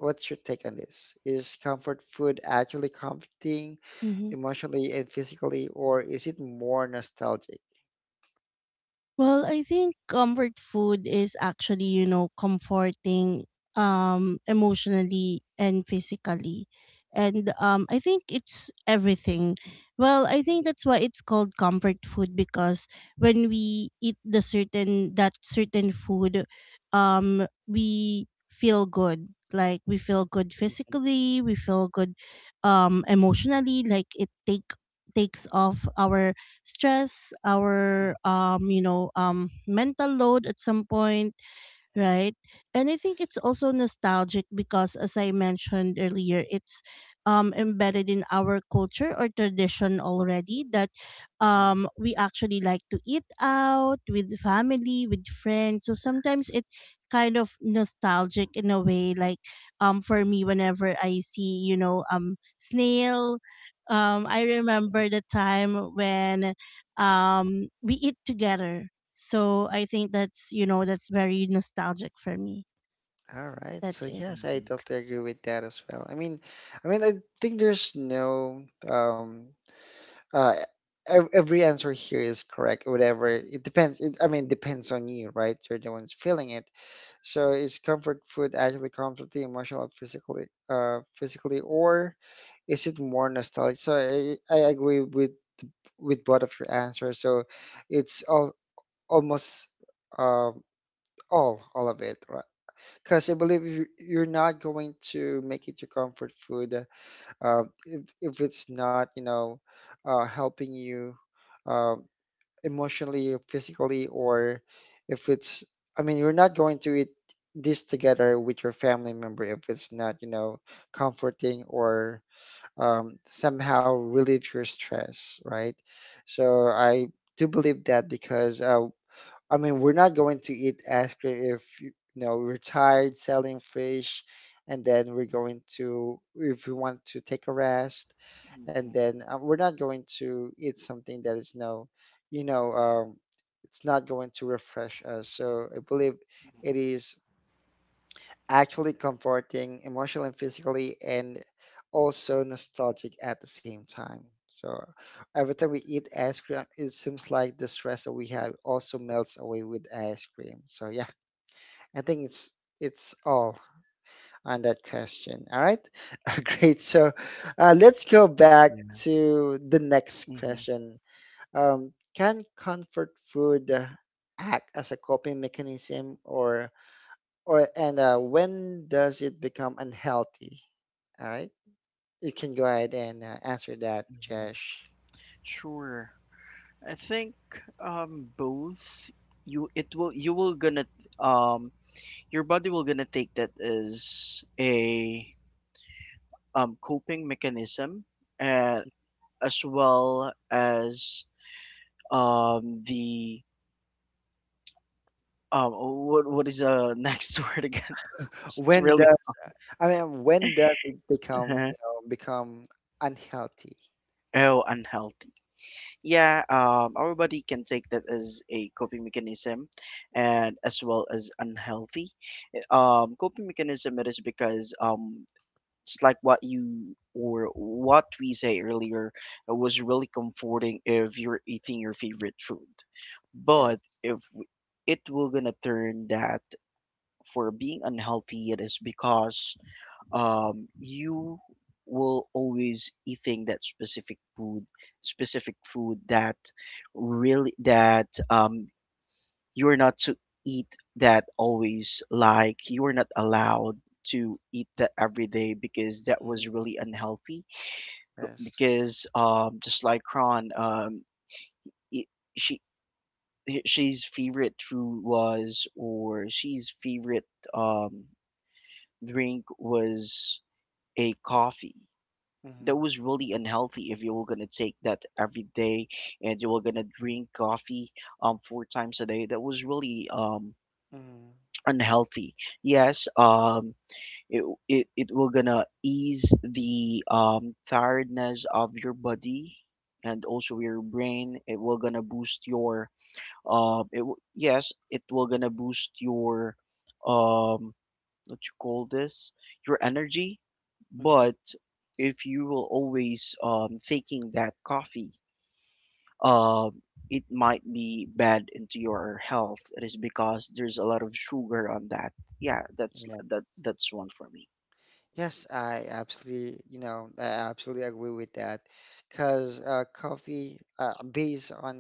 What's your take on this? Is comfort food actually comforting
Mm-hmm.
emotionally and physically, or is it more nostalgic?
Well, I think comfort food is actually, you know, comforting um emotionally and physically. And um I think it's everything. Well, I think that's why it's called comfort food, because when we eat the certain that certain food, um we feel good. Like we feel good
Mhm,
physically, we feel good um emotionally, like it take takes off our stress, our um, you know, um mental load at some point,
mhm,
right? And I think it's also nostalgic because, as I mentioned earlier, it's um, embedded in our culture or tradition already, that
mhm.
um, we actually like to eat out with family, with friends. So sometimes it kind of nostalgic in a way. Like um, for me, whenever I see, you know, um, snail, um, I remember the time when um, we eat together. So I think that's, you know, that's very nostalgic for me.
All right.
That's
So
it.
yes, I
Mm-hmm.
totally agree with that as well. I mean, I mean, I think there's no um uh ev- every answer here is correct. Whatever it depends. It, I mean, depends on you, right? You're the ones feeling it. So is comfort food actually comfort the emotional, or physically, uh, physically, or is it more nostalgic? So I, I agree with with both of your answers. So it's all almost, um all all of it, because I believe you- you're not going to make it your comfort food, uh, uh, if, if it's not, you know, uh, helping you uh, emotionally, or physically, or if it's, I mean, you're not going to eat this together with your family member if it's not, you know, comforting or um, somehow relieve your stress, right? So I do believe that because uh, I mean, we're not going to eat ice cream if, you know, we're tired selling fish, and then we're going to, if we want to take a rest, and
Hmm.
then uh, we're not going to eat something that is no, you know, um, it's not going to refresh us. So I believe it is actually comforting emotionally and physically, and also nostalgic at the same time. So every time we eat ice cream, it seems like the stress that we have also melts away with ice cream. So yeah, I think it's it's all on that question. All right, great. So uh, let's go back
Yeah.
to the next
Hmm.
question. Um, can comfort food uh, act as a coping mechanism, or or and uh, when does it become unhealthy? All right. You can go ahead and uh, answer that,
Hmm.
Jesh.
Sure. I think um both. You it will you will gonna, um your body will gonna take that as a um, coping mechanism, and as well as um, the um, what what is the next word again? It's
When
really
does, I mean, when does it become, you know, become unhealthy?
oh, unhealthy. Yeah, um, our body can take that as a coping mechanism, and as well as unhealthy. Eh, Um, coping mechanism, it is because um it's like what you, or what we say earlier, it was really comforting if you're eating your favorite food.
Yes,
But if w- it will gonna turn that for being unhealthy, it is because um you will always eating that specific food, specific food that really that um you're not to eat that always, like you're not allowed to eat that every day because that was
Mm,
really unhealthy.
yes,
Because um just like Ron, um it, she h- she's favorite food was, or she's favorite um drink was a coffee.
mhm,
That was really unhealthy if you were gonna take that every day, and you were gonna drink coffee um four times a day. That was really um
mhm,
unhealthy. Yes, um, it it it will gonna ease the um tiredness of your body and also your brain. It will gonna boost your um. It w- yes, it will gonna boost your um. What you call this? Your energy. But
mhm.
if you will always um taking that coffee, um, it might be bad into your health. It is because there's a lot of sugar on that. Yeah, that's
Yeah,
that that's one for me.
yes. I absolutely, you know, I absolutely agree with that because uh, coffee, uh, based on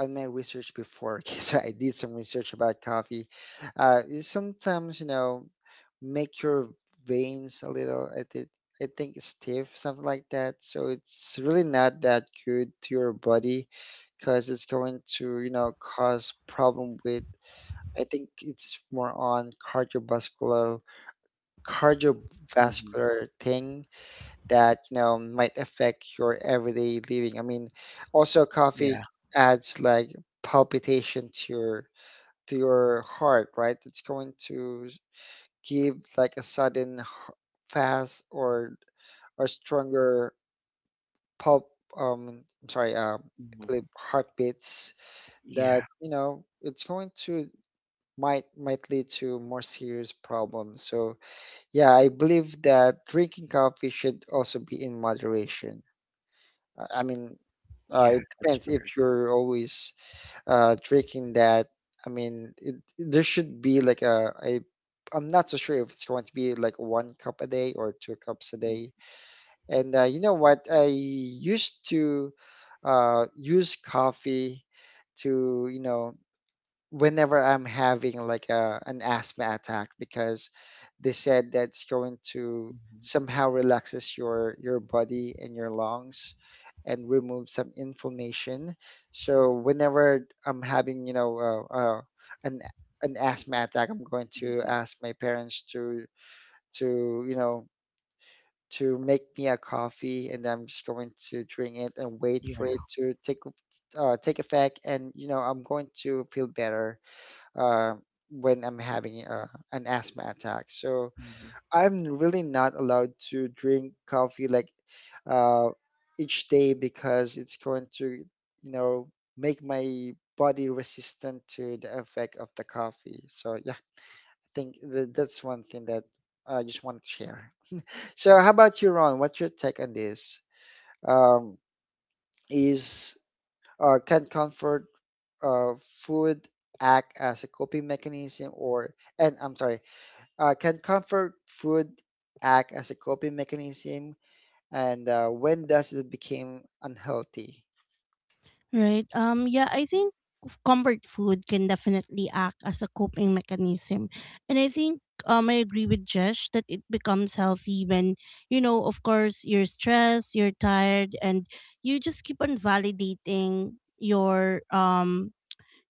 on my research before, because I did some research about coffee. Uh, is sometimes, you know, make your veins a little, I think I think stiff, something like that. So it's really not that good to your body because it's going to, you know, cause problem with, I think it's more on cardiovascular
Hmm.
cardiovascular thing that, you know, might affect your everyday living. I mean, also coffee
Yeah.
adds like palpitation to your, to your heart, right? It's going to give like a sudden fast or or stronger pulp, um I'm sorry um
Hmm.
like heartbeats that,
Yeah.
you know, it's going to, might might lead to more serious problems. So yeah, I believe that drinking coffee should also be in moderation. I I mean, uh,
Yeah.
it
That's
depends if
correct.
you're always uh, drinking that. I mean, it, there should be like a, a, I'm not so sure if it's going to be like one cup a day or two cups a
Mm-hmm.
day. And uh, you know what? I used to uh, use coffee to, you know, whenever I'm having like a, an asthma attack because they said that's going to somehow relaxes your your body and your lungs and remove some inflammation. So whenever I'm having, you know, uh, uh, an an asthma attack, I'm going to
Hmm.
ask my parents to to, you know, to make me a coffee, and I'm just going to drink it and wait
Yeah.
for it to take eff- uh, take effect. And you know, I'm going to feel better uh, when I'm having uh, an asthma attack. So
Hmm.
I'm really not allowed to drink coffee like uh, each day because it's going to, you know, make my body resistant to the effect of the coffee. So yeah, I think th- that's one thing that I just want to share. So how about you, Ron? What's your take on this? Um, is uh, Can comfort uh, food act as a coping mechanism? Or and I'm sorry, uh, can comfort food act as a coping mechanism, and uh, when does it become unhealthy?
Right. Um yeah, I think f- comfort food can definitely act as a coping mechanism. And I think um I agree with Jesh that it becomes healthy when, you know, of course you're stressed, you're tired, and you just keep on validating your um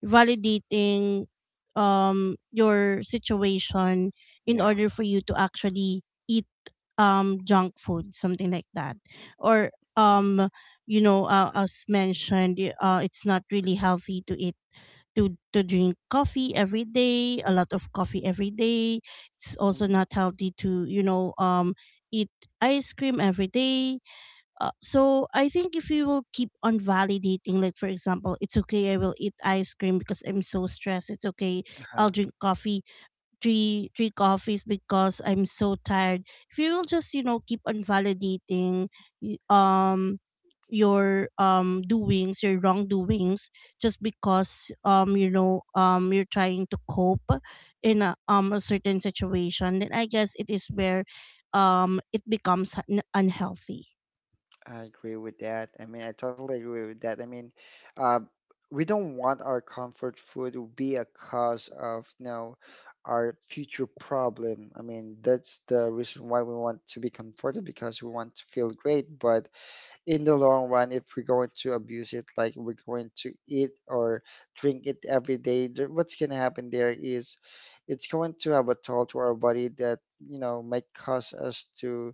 validating um your situation in
Yeah.
order for you to actually eat um junk food, something like that, or um you know uh, as mentioned, y- uh it's not really healthy to eat to to drink coffee every day, a lot of coffee every day. It's also not
Mm-hmm.
healthy to you know um eat ice cream every day. Uh, so I think if you will keep on validating, like for example, it's okay. I will eat ice cream because I'm so stressed. It's okay. I'll drink coffee, three three coffees because I'm so tired. If you will just you know keep on validating, y-
Uh-huh.
um, your um doings, your wrongdoings, just because um you know um you're trying to cope in a um a certain situation, then I guess it is where um it becomes un- unhealthy.
I agree with that. I mean, I totally agree with that. I mean, uh, we don't want our comfort food to be a cause of, you know, our future problem. I mean, that's the reason why we want to be comforted because we want to feel great. But in the long run, if we're going to abuse it, like we're going to eat or drink it every day, th- what's going to happen there is it's going to have a toll to our body that, you know, might cause us to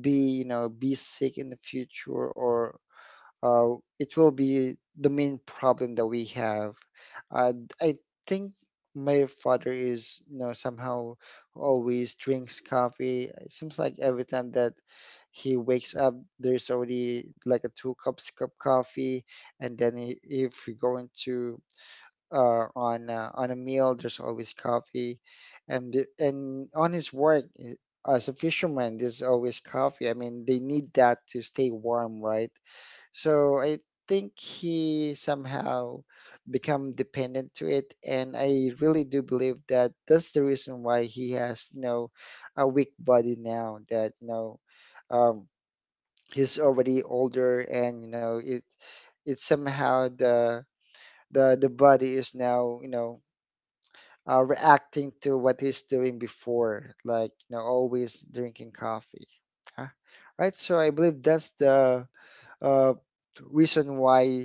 be, you know, be sick in the future, or uh, it will be the main problem that we have. uh, I think my father is, you know, somehow always drinks coffee. It seems like every time that he wakes up there's already like a two cups cup coffee, and then i- if we go into uh, on uh, on a meal, there's always coffee, and the- and on his work i- as a fisherman, there's always coffee. I mean, they need that to stay warm, right? So I think he somehow become dependent to it, and I really do believe that that's the reason why he has, you know, a weak body now. That, you know, um, he's already older, and you know it, it's somehow the the the body is now, you know, uh, reacting to what he's doing before, like, you know, always drinking coffee. Huh? Right. So I believe that's the uh, reason why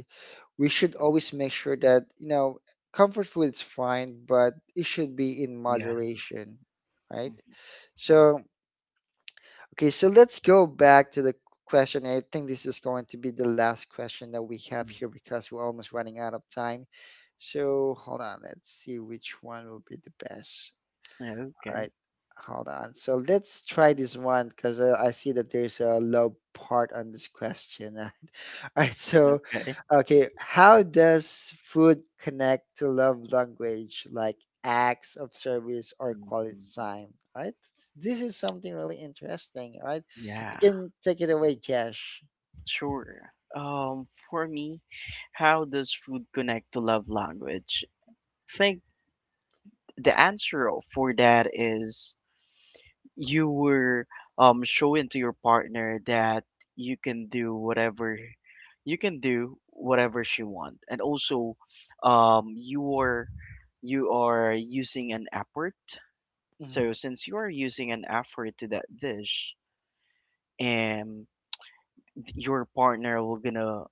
we should always make sure that, you know, comfort food is fine, but it should be in
Yeah.
moderation, right?
Hmm.
So okay, so let's go back to the question. I think this is going to be the last question that we have here because we're almost running out of time. So hold on, let's see which one will be the best.
Hmm.
All
Okay.
right, hold on. So let's try
Mhm.
this one because uh, I see that there's a low part on this question. All right, so
Okay.
okay, how does food connect to love language, like acts of service or quality
Hmm.
time? All right, this is something really interesting. All right, you
Yeah.
can take it away, Josh.
Sure. Um, for me, how does food connect to love language? I think the answer for that is you were um showing to your partner that you can do whatever you can do whatever she want, and also um you are you are using an effort. So
Mm-hmm,
since you are using an effort to that dish, and your partner will gonna,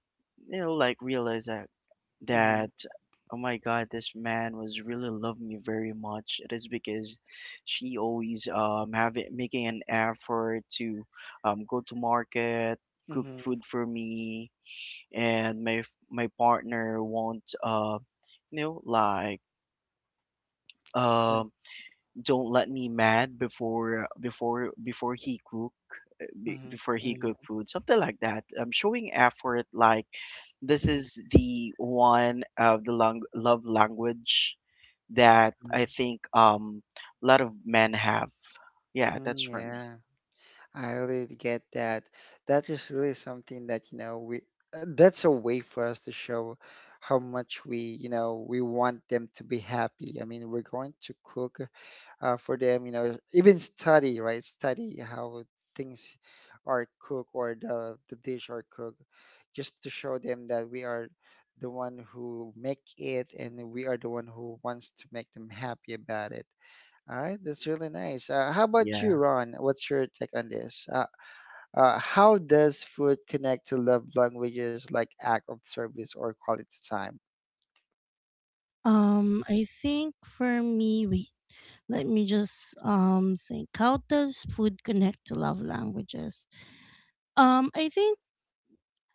you know like, realize that,
mm-hmm,
that oh my god, this man was really love me very much. It is because she always um having making an effort to um go to market, cook
mm-hmm,
food for me, and my f- my partner won't uh you know like, um don't let me mad before before before he cook, be-
mm-hmm,
before he
mm-hmm,
cook
mm-hmm.
food, something like that. Um, showing effort, like this is the one of the lang- love language that I think um a lot of men have. Yeah, that's
Mm,
for me.
yeah. I really get that. That is really something that, you know, we, that's a way for us to show how much we, you know, we want them to be happy. I mean, we're going to cook uh, for them, you know, even study, right? Study how things are cooked, or the, the dish are cooked, just to show them that we are the one who make it, and we are the one who wants to make them happy about it. All right, that's really nice. Uh, how about
Yeah,
you, Ron? What's your take on this? Uh, uh, how does food connect to love languages like act of service or quality time?
Um, I think for me, wait, let me just um think. How does food connect to love languages? Um, I think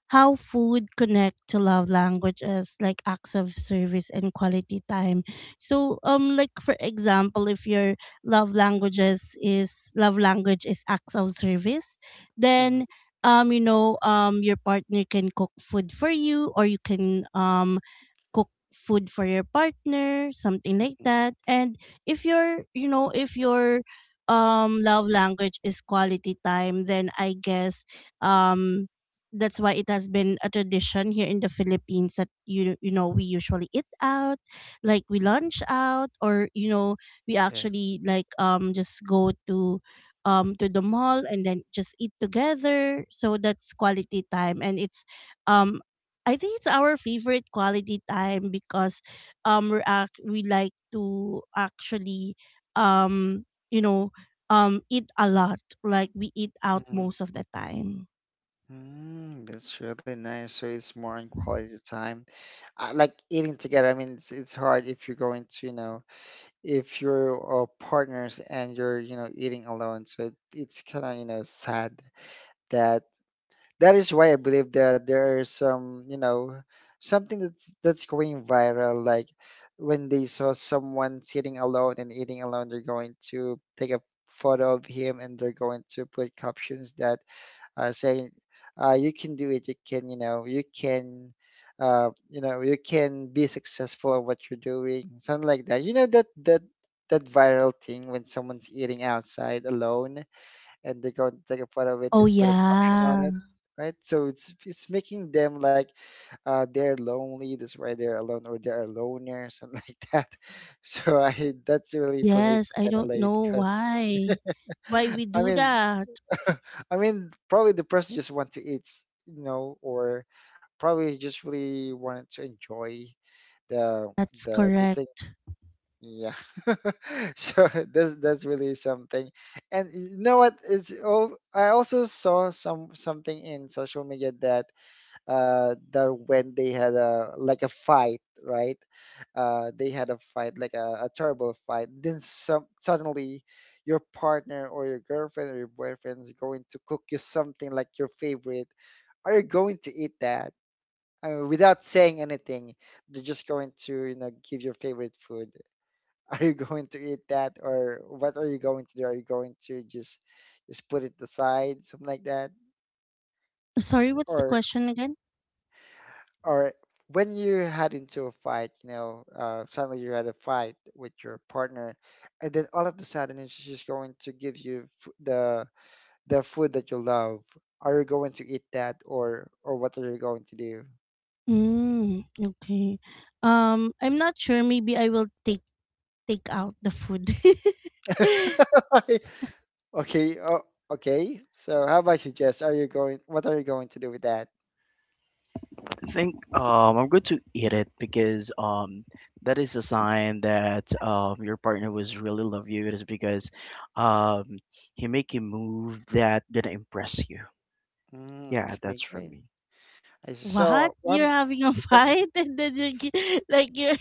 how food connect to love languages like acts of service and quality time. So um like for example, if your love languages is love language is acts of service,
Mhm,
then um you know um your partner can cook food for you, or you can um cook food for your partner, something like
mhm,
that. And if your, you know, if your um love language is quality time, then I guess um that's why it has been a tradition here in the Philippines that you you know we usually eat out, like we
mhm.
lunch out, or you know we
Yes.
actually like um just go to um to the mall, and then just eat together. So that's quality time, and it's um I think it's our favorite quality time, because um we act we like to actually um you know um eat a lot, like we eat out
Mhm.
most of the time.
Mm, that's really nice. So it's more on quality time. I like eating together. I mean, it's it's hard if you're going to, you know, if you're, uh, partners and you're, you know, eating alone. So it, it's kind of, you know, sad. That, that is why I believe that there is some, you know, something that's that's going viral. Like when they saw someone sitting alone and eating alone, they're going to take a photo of him and they're going to put captions that are saying, uh, "You can do it. You can, you know, you can." Uh, you know, you can be successful at what you're doing, something like that. You know that that, that viral thing when someone's eating outside alone and they go and take a photo of it
Oh
and put a caption on
yeah.
it, right? So it's it's making them like uh, they're lonely, that's why they're alone, or they're a loner, something like that. So I, that's really, for me it's
Yes, I
kind of
don't
lame
know
because
why why we
I
do
mean
that.
I mean probably the person just want to eat, s- you know, or probably just really wanted to enjoy the
That's
the the thing,
correct.
yeah. So that's that's really something. And you know what? It's all, I also saw some something in social media that uh that when they had a, like a fight, right? Uh, they had a fight, like a, a terrible fight. Then some, suddenly your partner or your girlfriend or your boyfriend is going to cook you something like your favorite. Are you going to eat that? I mean, without saying anything, they're just going to, you know, give your favorite food. Are you going to eat that, or what are you going to do? Are you going to just just put it aside, something like that,
Sorry, what's the
or
question again?
or when you had into a fight, you know, uh, suddenly you had a fight with your partner, and then all of a sudden it's just going to give you f- the the food that you love. Are you going to eat that, or or what are you going to do?
Mm, okay. Um, I'm not sure, maybe I will take take out the food.
Okay, oh, okay. So how about you, Jess? Are you going? What are you going to do with that?
I think um I'm going to eat it because um that is a sign that um your partner was really love you. It is because um he make a move that gonna impress you.
Mm,
Yeah,
okay,
that's for
great.
me.
I see.
What?
So one,
You're having a fight and then you're gi- like you're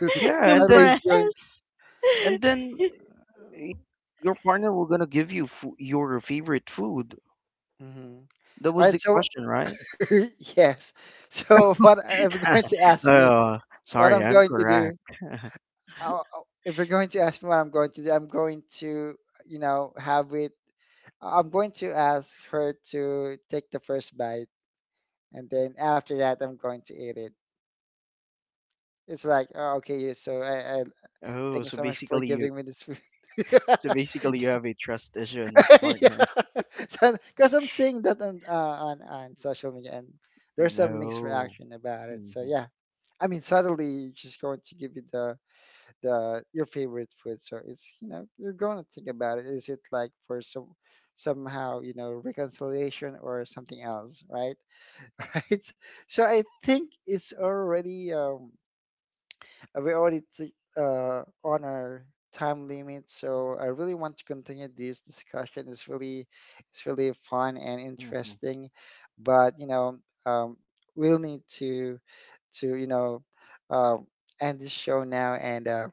Yeah, and
sadly,
then
it's going.
impressed?
and then y- your partner will gonna give you fo your favorite food.
Mhm.
That
All
was
right,
the
so
question, right?
yes. So what if you're going to ask me
Oh,
what
sorry,
I'm
I'm
going to
correct.
do? I, if you're going to ask me what I'm going to do, I'm going to, you know, have it. I'm going to ask her to take the first bite, and then after that, I'm going to eat it. It's like, oh, okay, yeah, so I, I thank
Oh,
you
so
so much for
basically you
giving me this food.
so basically you have a trust issue in your
Yeah.
partner.
So, because I'm seeing that on, uh, on on social media, and there's some mixed
No.
reaction about it. So
Mm-hmm.
yeah, I mean, suddenly she's going to give you the the your favorite food. So it's, you know, you're going to think about it. Is it like for some, somehow, you know, reconciliation or something else, right? Right. So I think it's already um uh, we already t- uh, on our time limit, so I really want to continue this discussion. It's really, it's really fun and
Mm-hmm.
interesting, but you know, um, we'll need to to you know, um, end this show now, and uh,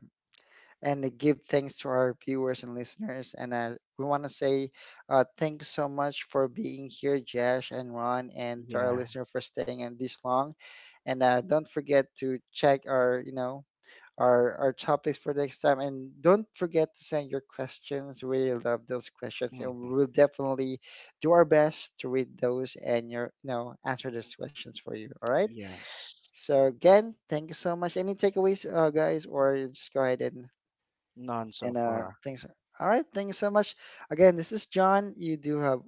and to give thanks to our viewers and listeners. And uh, we want to say uh, thanks so much for being here, Josh and Ron, and to our
Yeah.
listener for staying in this long. And uh, don't forget to check our, you know, our our topics for next time. And don't forget to send your questions. We really love those questions, and
Mm-hmm.
we will definitely do our best to read those and your, you know, answer those questions for you. All right.
Yes.
So again, thank you so much. Any takeaways, uh, guys, or you just go ahead, and
None so
and uh,
far.
thanks. All right, thank you so much. Again, this is John. You do have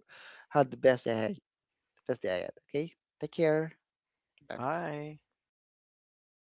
had the best day ahead. Best day ahead. Okay, take care. Bye for now.
Bye.